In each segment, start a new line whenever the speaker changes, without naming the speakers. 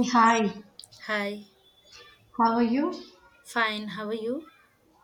Hey, hi,
Hi,
how are you?
fine. How are you?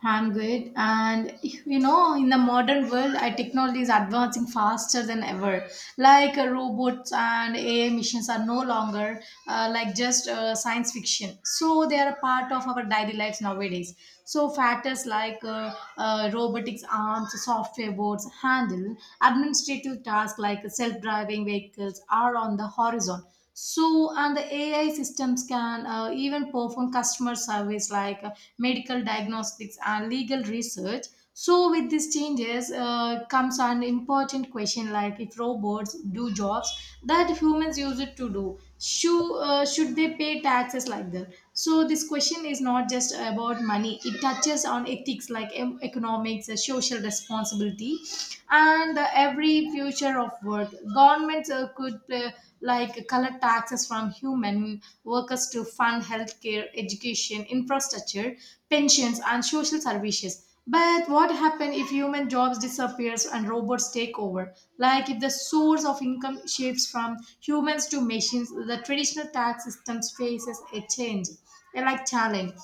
I'm good. And you know, in the modern world, I technology is advancing faster than ever. Like robots and AI missions are no longer like just science fiction. So they are a part of our daily lives nowadays. So factors like robotics arms, software boards, handle administrative tasks like self-driving vehicles are on the horizon. So and the AI systems can even perform customer service like medical diagnostics and legal research. So with these changes comes an important question, like if robots do jobs that humans use it to do should they pay taxes like that? So this question is not just about money. It touches on ethics like economics, social responsibility, and every future of work. Governments could play, like collect taxes from human workers to fund healthcare, education, infrastructure, pensions, and social services. But what happens if human jobs disappears and robots take over? Like if the source of income shifts from humans to machines, the traditional tax systems faces a change, a challenge.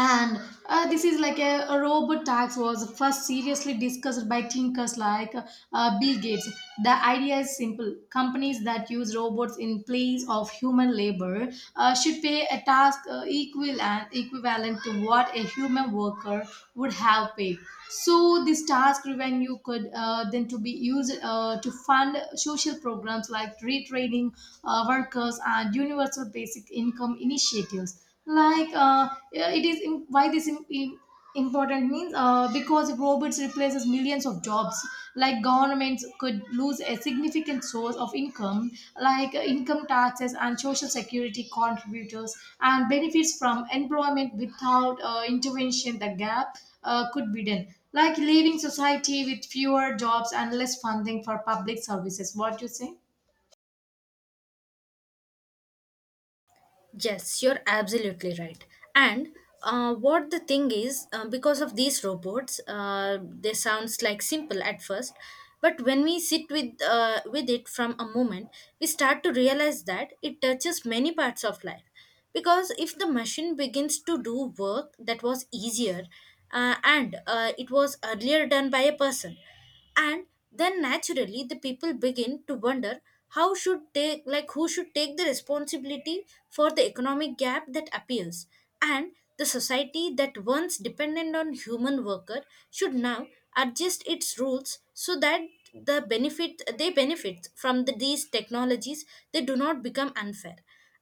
And this is like a robot tax was first seriously discussed by thinkers like Bill Gates. The idea is simple: companies that use robots in place of human labor should pay a task equivalent to what a human worker would have paid. So this task revenue could then to be used to fund social programs like retraining workers and universal basic income initiatives. Yeah, it is im- why this im- im- important means because robots replaces millions of jobs, like governments could lose a significant source of income like income taxes and social security contributors and benefits from employment. Without intervention the gap could be done, like leaving society with fewer jobs and less funding for public services. What do you say?
Yes, you're absolutely right. And what the thing is, because of these robots, they sounds like simple at first, but when we sit with it from a moment, we start to realize that it touches many parts of life. Because if the machine begins to do work that was easier, and it was earlier done by a person, and then naturally the people begin to wonder how should take, like who should take the responsibility for the economic gap that appears. And the society that once dependent on human worker should now adjust its rules so that they benefit from these technologies, they do not become unfair,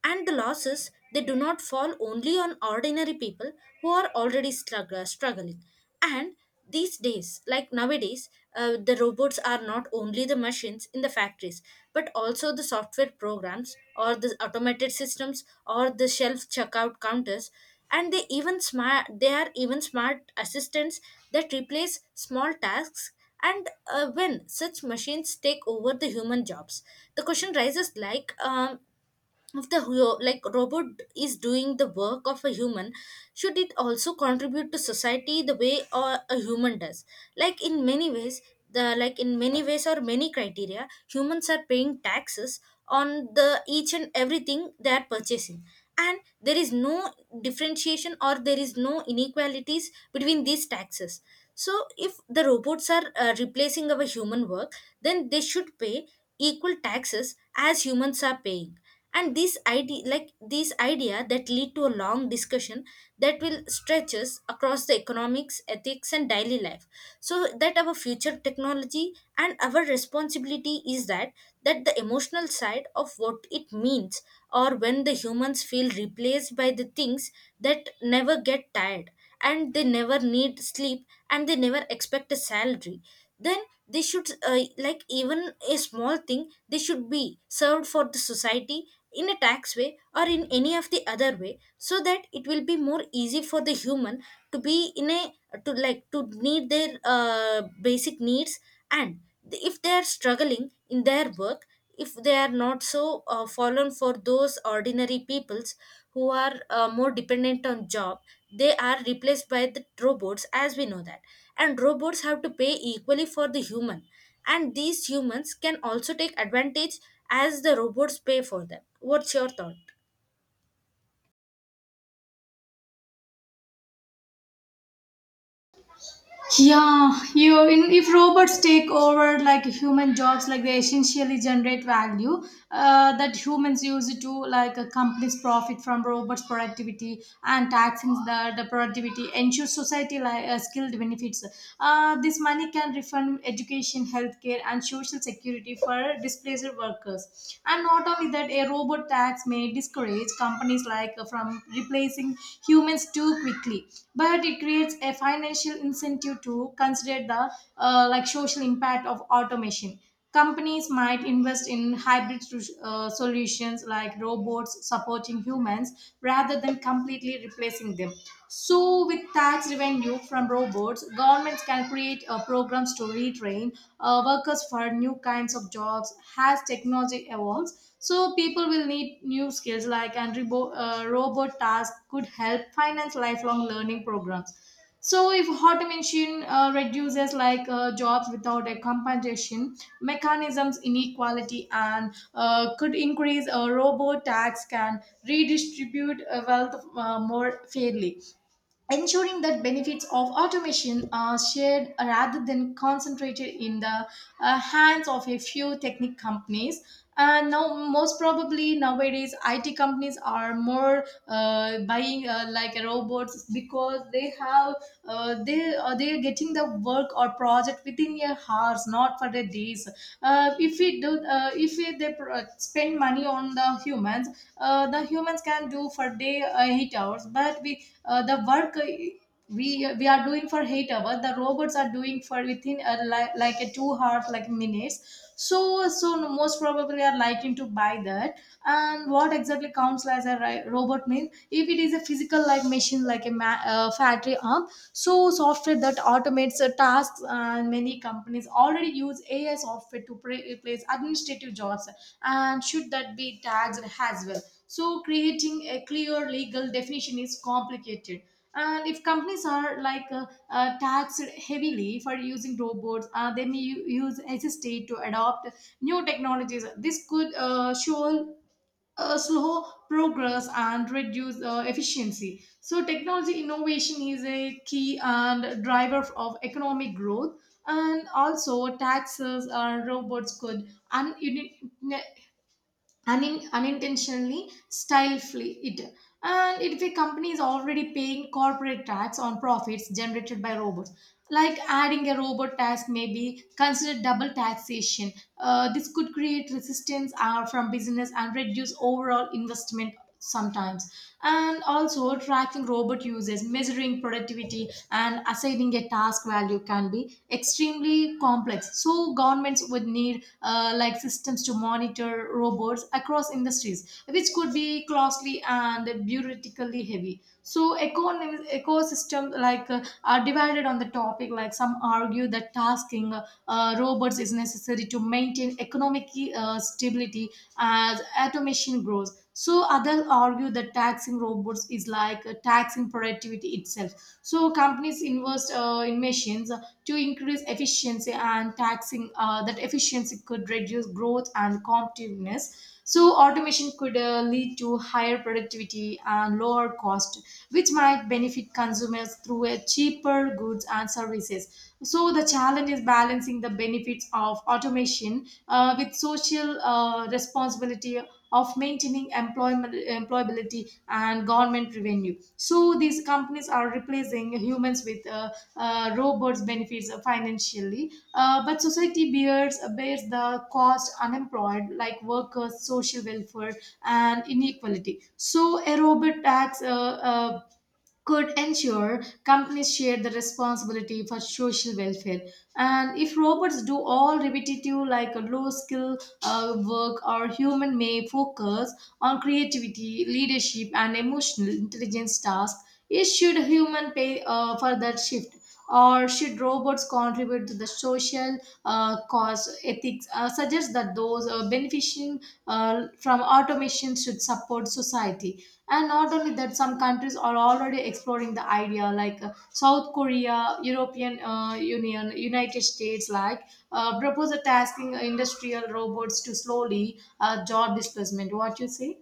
and the losses, they do not fall only on ordinary people who are already struggling. And these days, like nowadays, the robots are not only the machines in the factories, but also the software programs or the automated systems or the shelf checkout counters. And they are even smart assistants that replace small tasks. And when such machines take over the human jobs, the question rises, like if the robot is doing the work of a human, should it also contribute to society the way or a human does? Like in many ways, the like in many ways or many criteria, humans are paying taxes on the each and everything they are purchasing, and there is no differentiation, or there is no inequalities between these taxes. So if the robots are replacing our human work, then they should pay equal taxes as humans are paying. And this idea that lead to a long discussion that will stretches across the economics, ethics and daily life, so that our future technology and our responsibility is that, that the emotional side of what it means, or when the humans feel replaced by the things that never get tired, and they never need sleep, and they never expect a salary, then they should, like even a small thing, they should be served for the society in a tax way or in any of the other way, so that it will be more easy for the human to be in a, to like to need their basic needs. And if they are struggling in their work, if they are not so fallen for those ordinary peoples who are more dependent on job, they are replaced by the robots, as we know that. And robots have to pay equally for the human, and these humans can also take advantage as the robots pay for them. What's your thought?
Yeah, you in if robots take over like human jobs, like they essentially generate value that humans use to, like a company's profit from robots' productivity, and taxing the productivity ensures society like skilled benefits. This money can refund education, healthcare, and social security for displaced workers. And not only that, a robot tax may discourage companies like from replacing humans too quickly, but it creates a financial incentive to consider the social impact of automation. Companies might invest in hybrid solutions like robots supporting humans rather than completely replacing them. So, with tax revenue from robots, governments can create programs to retrain workers for new kinds of jobs as technology evolves. So, people will need new skills, like and robot tasks could help finance lifelong learning programs. So, if automation reduces like jobs without a compensation mechanisms, inequality, and could increase, a robot tax can redistribute wealth more fairly, ensuring that benefits of automation are shared rather than concentrated in the hands of a few technic companies. And now most probably nowadays it companies are more buying like robots because they have they are getting the work or project within a hours, not for the days. If we if they spend money on the humans, the humans can do for day 8 hours, but we the work we are doing for 8 hours the robots are doing for within like a 2 hours like minutes, so so most probably are liking to buy that. And what exactly counts as a robot means? If it is a physical like machine like a factory arm, so software that automates tasks, and many companies already use AI software to replace administrative jobs, and should that be taxed as well? So, creating a clear legal definition is complicated. And if companies are like taxed heavily for using robots, they may use assisted to adopt new technologies. This could show slow progress and reduce efficiency. So, technology innovation is a key and driver of economic growth. And also, taxes and robots could unintentionally style flee it. And if a company is already paying corporate tax on profits generated by robots, like adding a robot tax may be considered double taxation. This could create resistance from business and reduce overall investment sometimes. And also, tracking robot uses, measuring productivity, and assigning a task value can be extremely complex, so governments would need systems to monitor robots across industries, which could be costly and bureaucratically heavy. So ecosystems like are divided on the topic. Like some argue that tasking robots is necessary to maintain economic stability as automation grows. So others argue that taxing robots is like taxing productivity itself. So companies invest in machines to increase efficiency, and taxing that efficiency could reduce growth and competitiveness. So automation could lead to higher productivity and lower cost, which might benefit consumers through a cheaper goods and services. So the challenge is balancing the benefits of automation with social responsibility of maintaining employment employability and government revenue. So these companies are replacing humans with robots benefits financially but society bears the cost, unemployed like workers, social welfare, and inequality. So a robot tax uh, could ensure companies share the responsibility for social welfare. And if robots do all repetitive, like a low skill work, or human may focus on creativity, leadership, and emotional intelligence tasks, is should human pay for that shift? Or should robots contribute to the social cause? Ethics suggests that those benefiting from automation should support society. And not only that, some countries are already exploring the idea, like South Korea, European Union, United States, like propose a tasking industrial robots to slowly job displacement. What you say?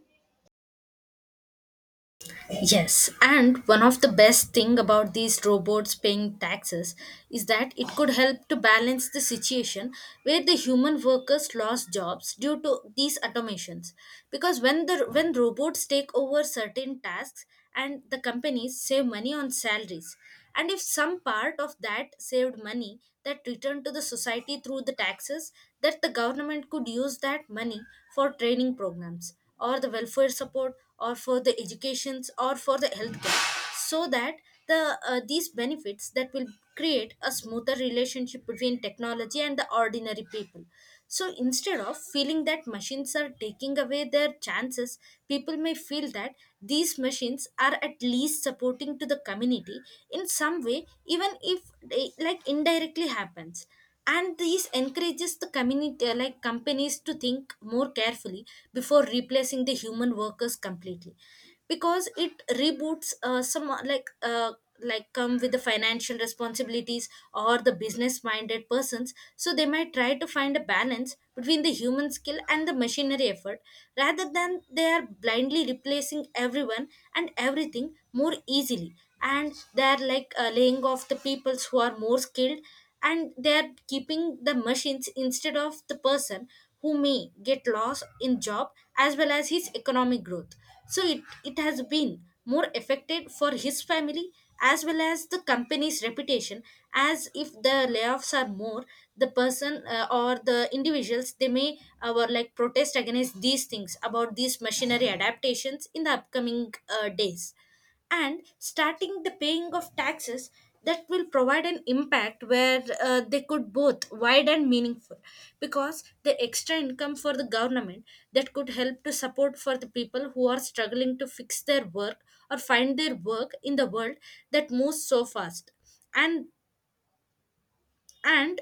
Yes, and one of the best thing about these robots paying taxes is that it could help to balance the situation where the human workers lost jobs due to these automations. Because when robots take over certain tasks and the companies save money on salaries, and if some part of that saved money that returned to the society through the taxes, that the government could use that money for training programs or the welfare support or for the educations or for the healthcare, so that the, these benefits that will create a smoother relationship between technology and the ordinary people. So instead of feeling that machines are taking away their chances, people may feel that these machines are at least supporting to the community in some way, even if they like indirectly happens. And this encourages the community, like companies, to think more carefully before replacing the human workers completely. Because it reboots some like come with the financial responsibilities or the business minded persons, so they might try to find a balance between the human skill and the machinery effort, rather than they are blindly replacing everyone and everything more easily. And they are like laying off the peoples who are more skilled, and they are keeping the machines instead of the person who may get lost in job as well as his economic growth. So it has been more affected for his family as well as the company's reputation, as if the layoffs are more. The person, or the individuals, they may were like protest against these things about these machinery adaptations in the upcoming days. And starting the paying of taxes that will provide an impact where they could both wide and meaningful, because the extra income for the government, that could help to support for the people who are struggling to fix their work or find their work in the world that moves so fast. and and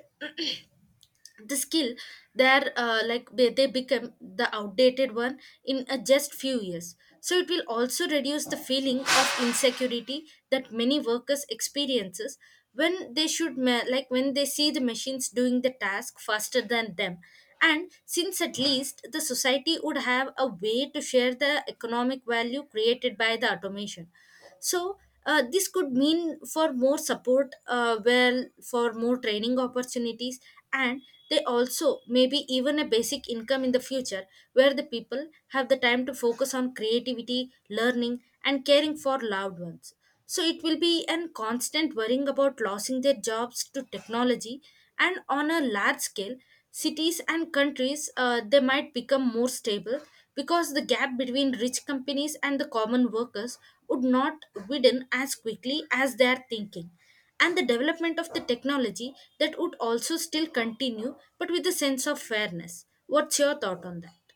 the skill there, they become the outdated one in a just few years. So it will also reduce the feeling of insecurity that many workers experiences when they should ma- like when they see the machines doing the task faster than them. And since at least the society would have a way to share the economic value created by the automation, so this could mean for more support, well, for more training opportunities, and they also maybe even a basic income in the future, where the people have the time to focus on creativity, learning and caring for loved ones. So it will be a constant worrying about losing their jobs to technology. And on a large scale, cities and countries, they might become more stable, because the gap between rich companies and the common workers would not widen as quickly as they are thinking, and the development of the technology that would also still continue, but with a sense of fairness. What's your thought on that?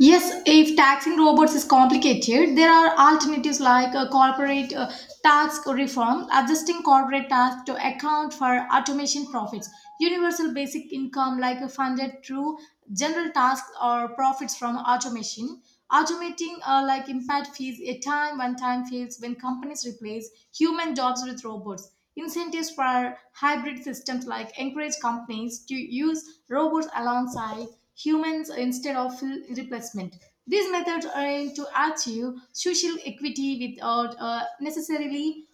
Yes, if taxing robots is complicated, there are alternatives like corporate tax reform, adjusting corporate tax to account for automation profits, universal basic income like funded through general tasks or profits from automation. Automating impact fees, a time when time fees when companies replace human jobs with robots. Incentives for hybrid systems, like encourage companies to use robots alongside humans instead of full replacement. These methods aim to achieve social equity without necessarily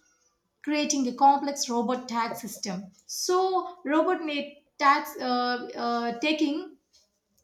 creating a complex robot tax system. So, robot made tax taking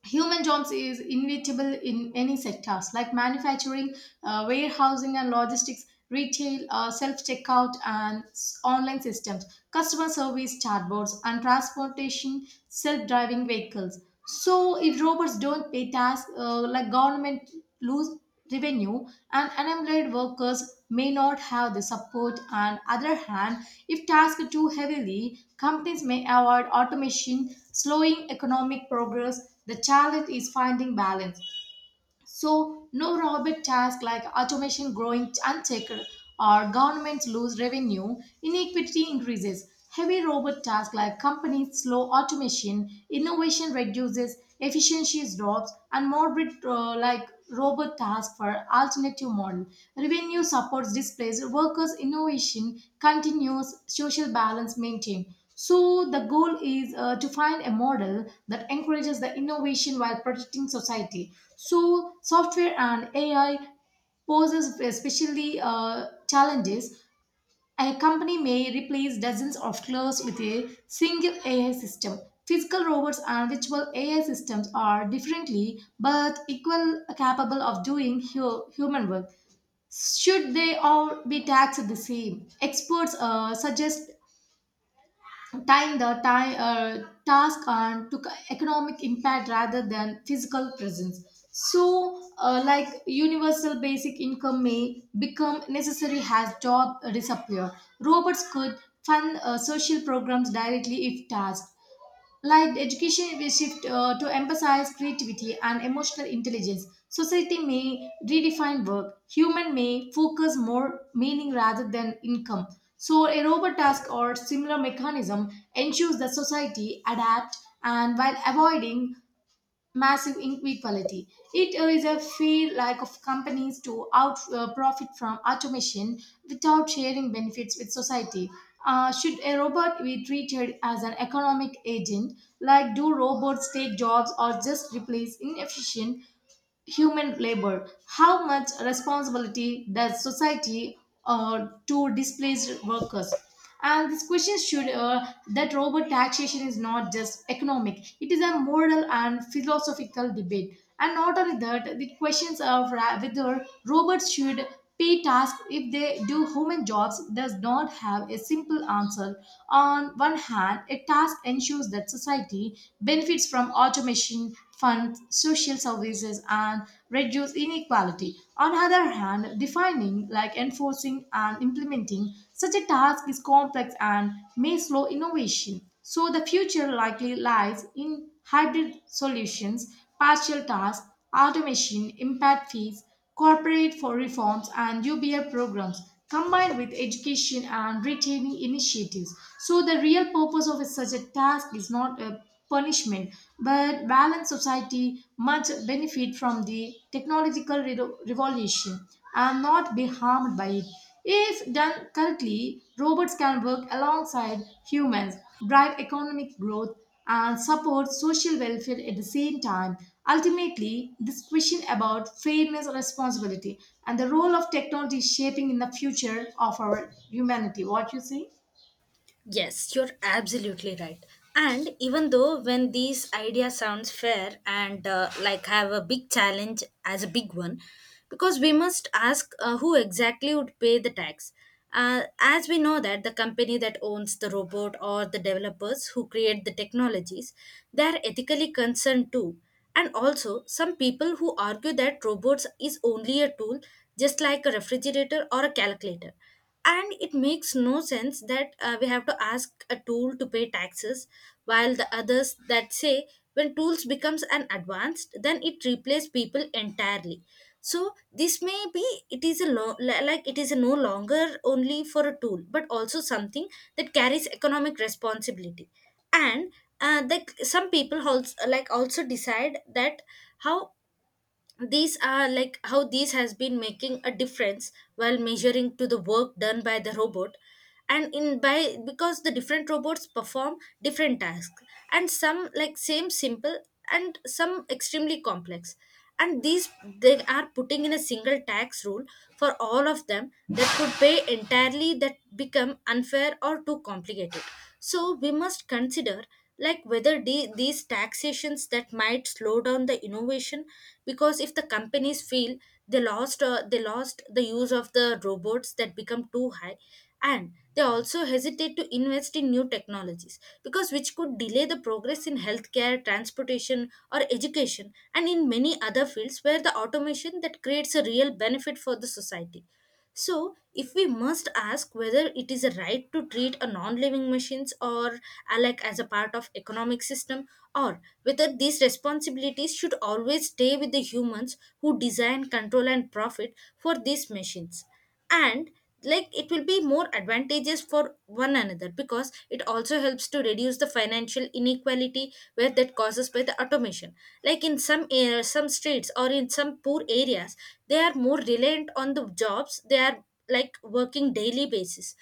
human jobs is inevitable in any sectors like manufacturing, warehousing and logistics, retail, self-checkout and online systems, customer service chatbots, and transportation, self-driving vehicles. So if robots don't pay tasks, like government lose revenue, and unemployed workers may not have the support. On other hand, if tasked too heavily, companies may avoid automation, slowing economic progress. The challenge is finding balance, so no robot tasks, like automation growing unchecked or governments lose revenue, inequity increases. Heavy robot tasks, like companies slow automation, innovation reduces, efficiencies drops, and morbid robot tasks for alternative model. Revenue supports displays, workers' innovation continues, social balance maintained. So the goal is to find a model that encourages the innovation while protecting society. So software and AI poses especially challenges. A company may replace dozens of clerks with a single AI system. Physical robots and virtual AI systems are differently but equal capable of doing human work. Should they all be taxed the same? Experts suggest tying the task on to economic impact rather than physical presence. So universal basic income may become necessary as job disappear. Robots could fund social programs directly if tasked, like education will shift to emphasize creativity and emotional intelligence. Society may redefine work. Human may focus more meaning rather than income. So a robot task or similar mechanism ensures that society adapt and while avoiding massive inequality. It is a fair like of companies to out profit from automation without sharing benefits with society. Should a robot be treated as an economic agent? Like, do robots take jobs or just replace inefficient human labor? How much responsibility does society to displaced workers? And this question should that robot taxation is not just economic; it is a moral and philosophical debate. And not only that, the questions of whether robots should pay tasks if they do human jobs does not have a simple answer. On one hand, a task ensures that society benefits from automation, fund social services, and reduce inequality. On the other hand, defining, like enforcing and implementing such a task, is complex and may slow innovation. So the future likely lies in hybrid solutions, partial tasks, automation, impact fees, corporate for reforms and UBI programs combined with education and retaining initiatives. So the real purpose of such a task is not a punishment but balanced society must benefit from the technological revolution and not be harmed by it. If done correctly, robots can work alongside humans, drive economic growth, and support social welfare at the same time. Ultimately, this question about fairness, responsibility, and the role of technology is shaping in the future of our humanity. What you say?
Yes, you're absolutely right. And even though when these idea sounds fair and, like have a big challenge as a big one, because we must ask who exactly would pay the tax. As we know that the company that owns the robot or the developers who create the technologies, they are ethically concerned too. And also, some people who argue that robots is only a tool, just like a refrigerator or a calculator. And it makes no sense that we have to ask a tool to pay taxes, while the others that say when tools becomes an advanced, then it replaces people entirely. So this may be it is a like it is no longer only for a tool, but also something that carries economic responsibility. And like some people also like also decide that how these are like how these has been making a difference while measuring to the work done by the robot. And in by, because the different robots perform different tasks, and some like same simple and some extremely complex, and these, they are putting in a single tax rule for all of them, that could pay entirely that become unfair or too complicated. So we must consider like whether these taxations that might slow down the innovation, because if the companies feel they lost the use of the robots that become too high. And they also hesitate to invest in new technologies, because which could delay the progress in healthcare, transportation or education, and in many other fields where the automation that creates a real benefit for the society. So, if we must ask whether it is a right to treat a non-living machines or alike as a part of economic system, or whether these responsibilities should always stay with the humans who design, control, and profit for these machines. And like it will be more advantageous for one another, because it also helps to reduce the financial inequality where that causes by the automation, like in some air, some streets or in some poor areas, they are more reliant on the jobs they are like working daily basis.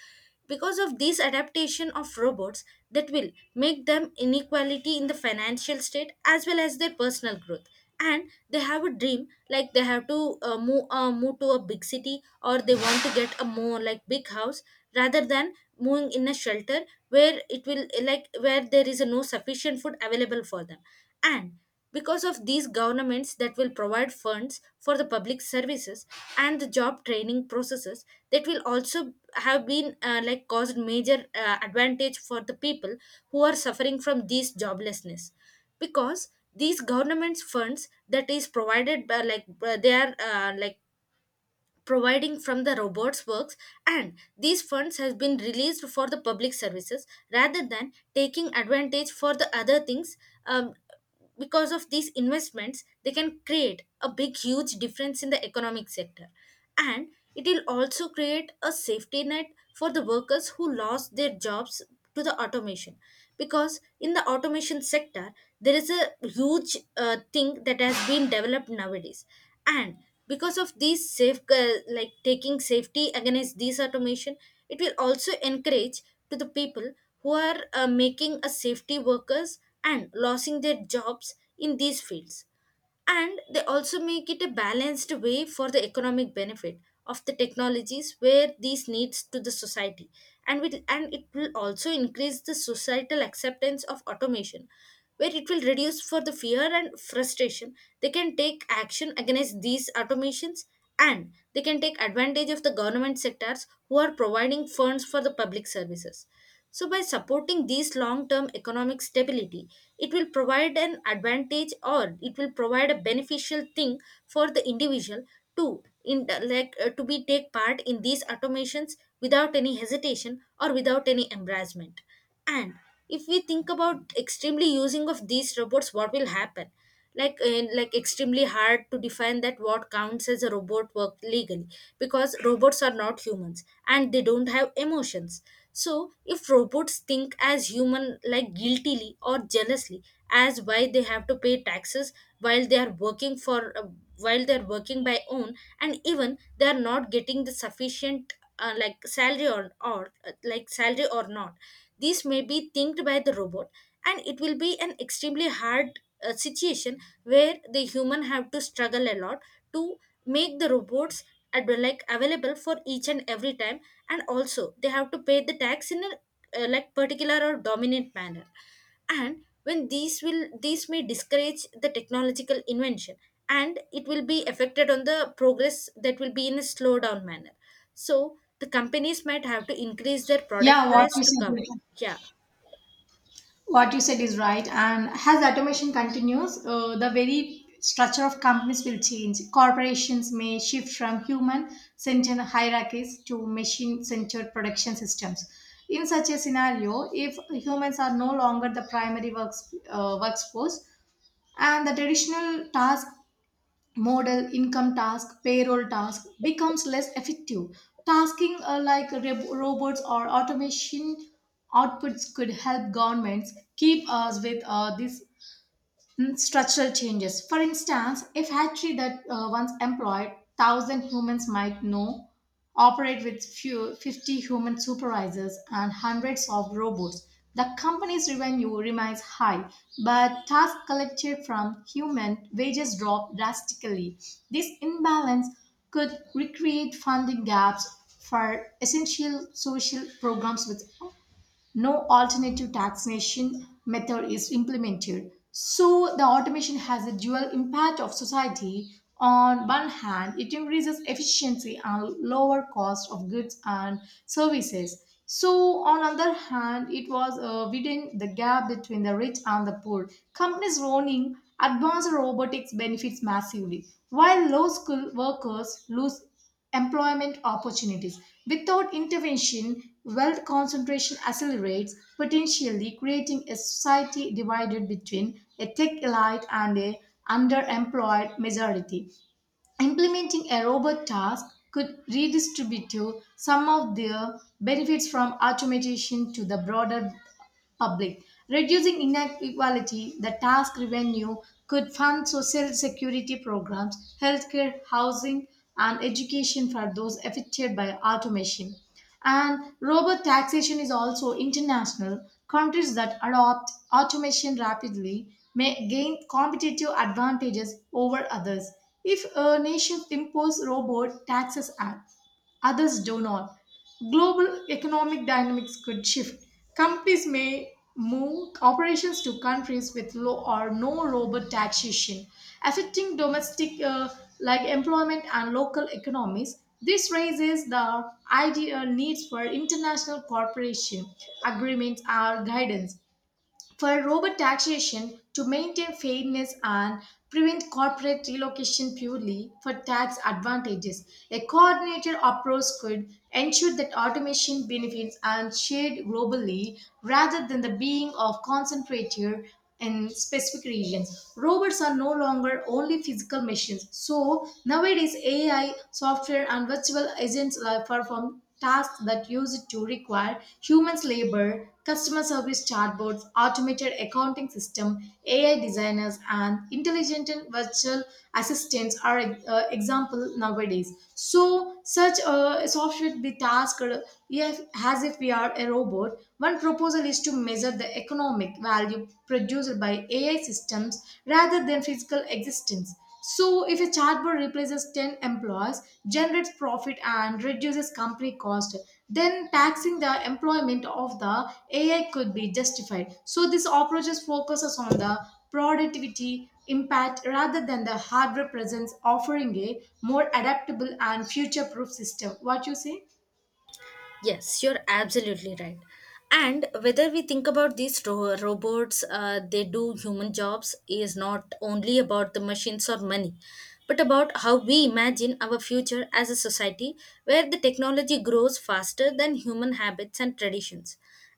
Because of this adaptation of robots that will make them inequality in the financial state as well as their personal growth, and they have a dream, like they have to move to a big city, or they want to get a more like big house rather than moving in a shelter where it will, like where there is no sufficient food available for them. And because of these governments that will provide funds for the public services and the job training processes, that will also have been, like caused major advantage for the people who are suffering from these joblessness. Because these government's funds that is provided by they are, like providing from the robots works, and these funds has been released for the public services rather than taking advantage for the other things. um, because of these investments, they can create a big huge difference in the economic sector. And it will also create a safety net for the workers who lost their jobs to the automation Because in the automation sector there is a huge thing that has been developed nowadays. And because of these safe like taking safety against these automation, it will also encourage to the people who are making a safety workers and losing their jobs in these fields. And they also make it a balanced way for the economic benefit of the technologies where these needs to the society, and it will also increase the societal acceptance of automation, where it will reduce for the fear and frustration. They can take action against these automations, and they can take advantage of the government sectors who are providing funds for the public services. So, by supporting these long term economic stability, it will provide an advantage, or it will provide a beneficial thing for the individual to in like to be take part in these automations without any hesitation or without any embarrassment. And if we think about extremely using of these robots, what will happen, like in like extremely hard to define that what counts as a robot work legally, because robots are not humans and they don't have emotions. So if robots think as human, like guiltily or jealously, as why they have to pay taxes while they are working for while they are working by own, and even they are not getting the sufficient like salary or like salary or not, this may be thinked by the robot. And it will be an extremely hard a situation where the human have to struggle a lot to make the robots like available for each and every time. And also they have to pay the tax in a like particular or dominant manner. And when these will, these may discourage the technological invention, and it will be affected on the progress that will be in a slow down manner. So the companies might have to increase their product
Yeah, what
price
you
to cover.
say?
Yeah.
What you said is right. And as automation continues, the very structure of companies will change. Corporations may shift from human centered hierarchies to machine centered production systems. In such a scenario, if humans are no longer the primary workforce and the traditional task modal income task payroll task becomes less effective tasking like robots or automation outputs could help governments keep us with this structural changes. For instance, if hatchery that once employed 1,000 humans might now operate with few, 50 human supervisors and hundreds of robots. The company's revenue remains high, but tasks collected from human wages drop drastically. This imbalance could recreate funding gaps for essential social programs with no alternative taxation method is implemented. So the automation has a dual impact of society. On one hand, it increases efficiency and lower cost of goods and services. So on other hand, it was widening the gap between the rich and the poor. Companies running advanced robotics benefits massively, while low-skilled workers lose employment opportunities. Without intervention, wealth concentration accelerates, potentially creating a society divided between a tech elite and a underemployed majority. Implementing a robot task could redistribute some of the benefits from automation to the broader public. Reducing inequality, the tax revenue could fund social security programs, healthcare, housing, and education for those affected by automation. And robot taxation is also international. Countries that adopt automation rapidly may gain competitive advantages over others. If a nation imposes robot taxes others do not. Global economic dynamics could shift. Companies may move operations to countries with low or no robot taxation, affecting domestic like employment and local economies. This raises the ideal needs for international cooperation agreements or guidance for robot taxation to maintain fairness and prevent corporate relocation purely for tax advantages. A coordinated approach could ensure that automation benefits are shared globally rather than the being of concentrated in specific regions. Robots are no longer only physical machines. So nowadays AI, software and virtual agents are perform tasks that used to require humans labor, customer service chatbots, automated accounting system, AI designers, and intelligent and virtual assistants are example nowadays. So such a software be tasked as if we are a robot one proposal is to measure the economic value produced by AI systems rather than physical existence. So, if a chatbot replaces 10 employees, generates profit, and reduces company cost, then taxing the employment of the AI could be justified. So, this approach is focuses on the productivity impact rather than the hardware presence, offering a more adaptable and future proof system. What you say?
Yes, you're absolutely right. And whether we think about these robots, they do human jobs, is not only about the machines or money, but about how we imagine our future as a society where the technology grows faster than human habits and traditions,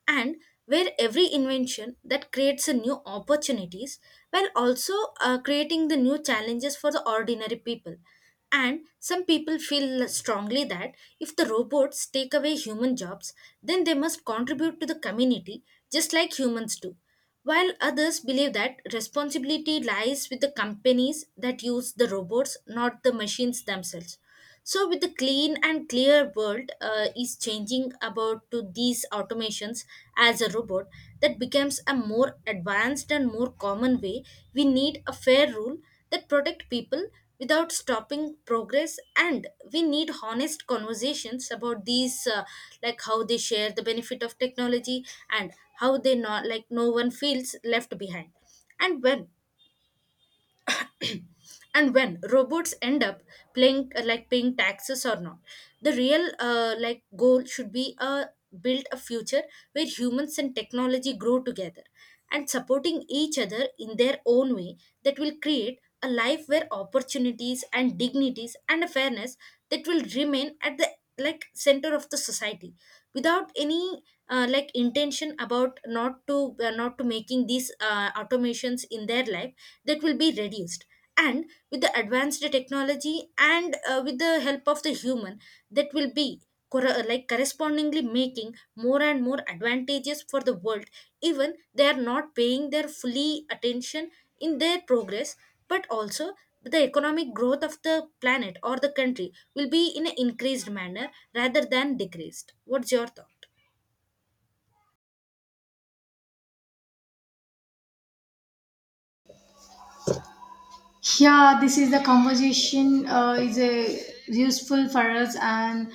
and where every invention that creates a new opportunities, while also creating the new challenges for the ordinary people. And some people feel strongly that if the robots take away human jobs, then they must contribute to the community just like humans do. While others believe that responsibility lies with the companies that use the robots, not the machines themselves. So, with the clean and clear world is changing about to these automations as a robot that becomes a more advanced and more common way, we need a fair rule that protect people without stopping progress. And we need honest conversations about these like how they share the benefit of technology, and how they not like no one feels left behind. And when, and when robots end up paying, like paying taxes or not, the real like goal should be build a future where humans and technology grow together and supporting each other in their own way, that will create a life where opportunities and dignities and a fairness, that will remain at the like center of the society without any like intention about not to not to making these automations in their life, that will be reduced. And with the advanced technology, and with the help of the human, that will be like correspondingly making more and more advantages for the world, even they are not paying their fully attention in their progress. But also the economic growth of the planet or the country will be in an increased manner rather than decreased. What's your thought?
Yeah, this is the conversation is a useful for us, and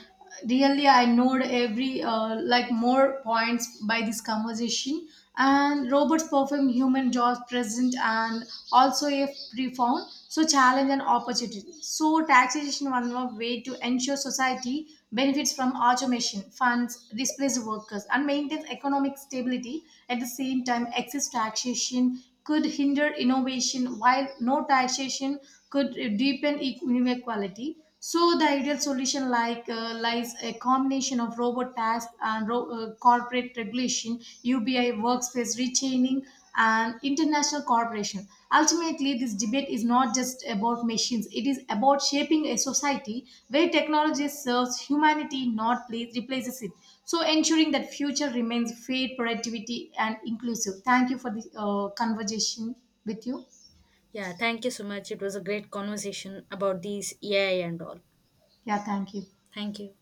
really I knowed every like more points by this conversation. And robots perform human jobs present and also a profound so challenge and opportunity so taxation one more way to ensure society benefits from automation funds displace workers and maintains economic stability at the same time excess taxation could hinder innovation, while no taxation could deepen inequality. So the ideal solution lies a combination of robot tax and corporate regulation, UBI workspace rechaining, and international cooperation. Ultimately, this debate is not just about machines; it is about shaping a society where technology serves humanity, not pla- replaces it. So ensuring that future remains fair, productivity and inclusive. Thank you for the conversation with you.
Yeah, thank you so much. It was a great conversation about these AI and all.
Yeah, thank you.
Thank you.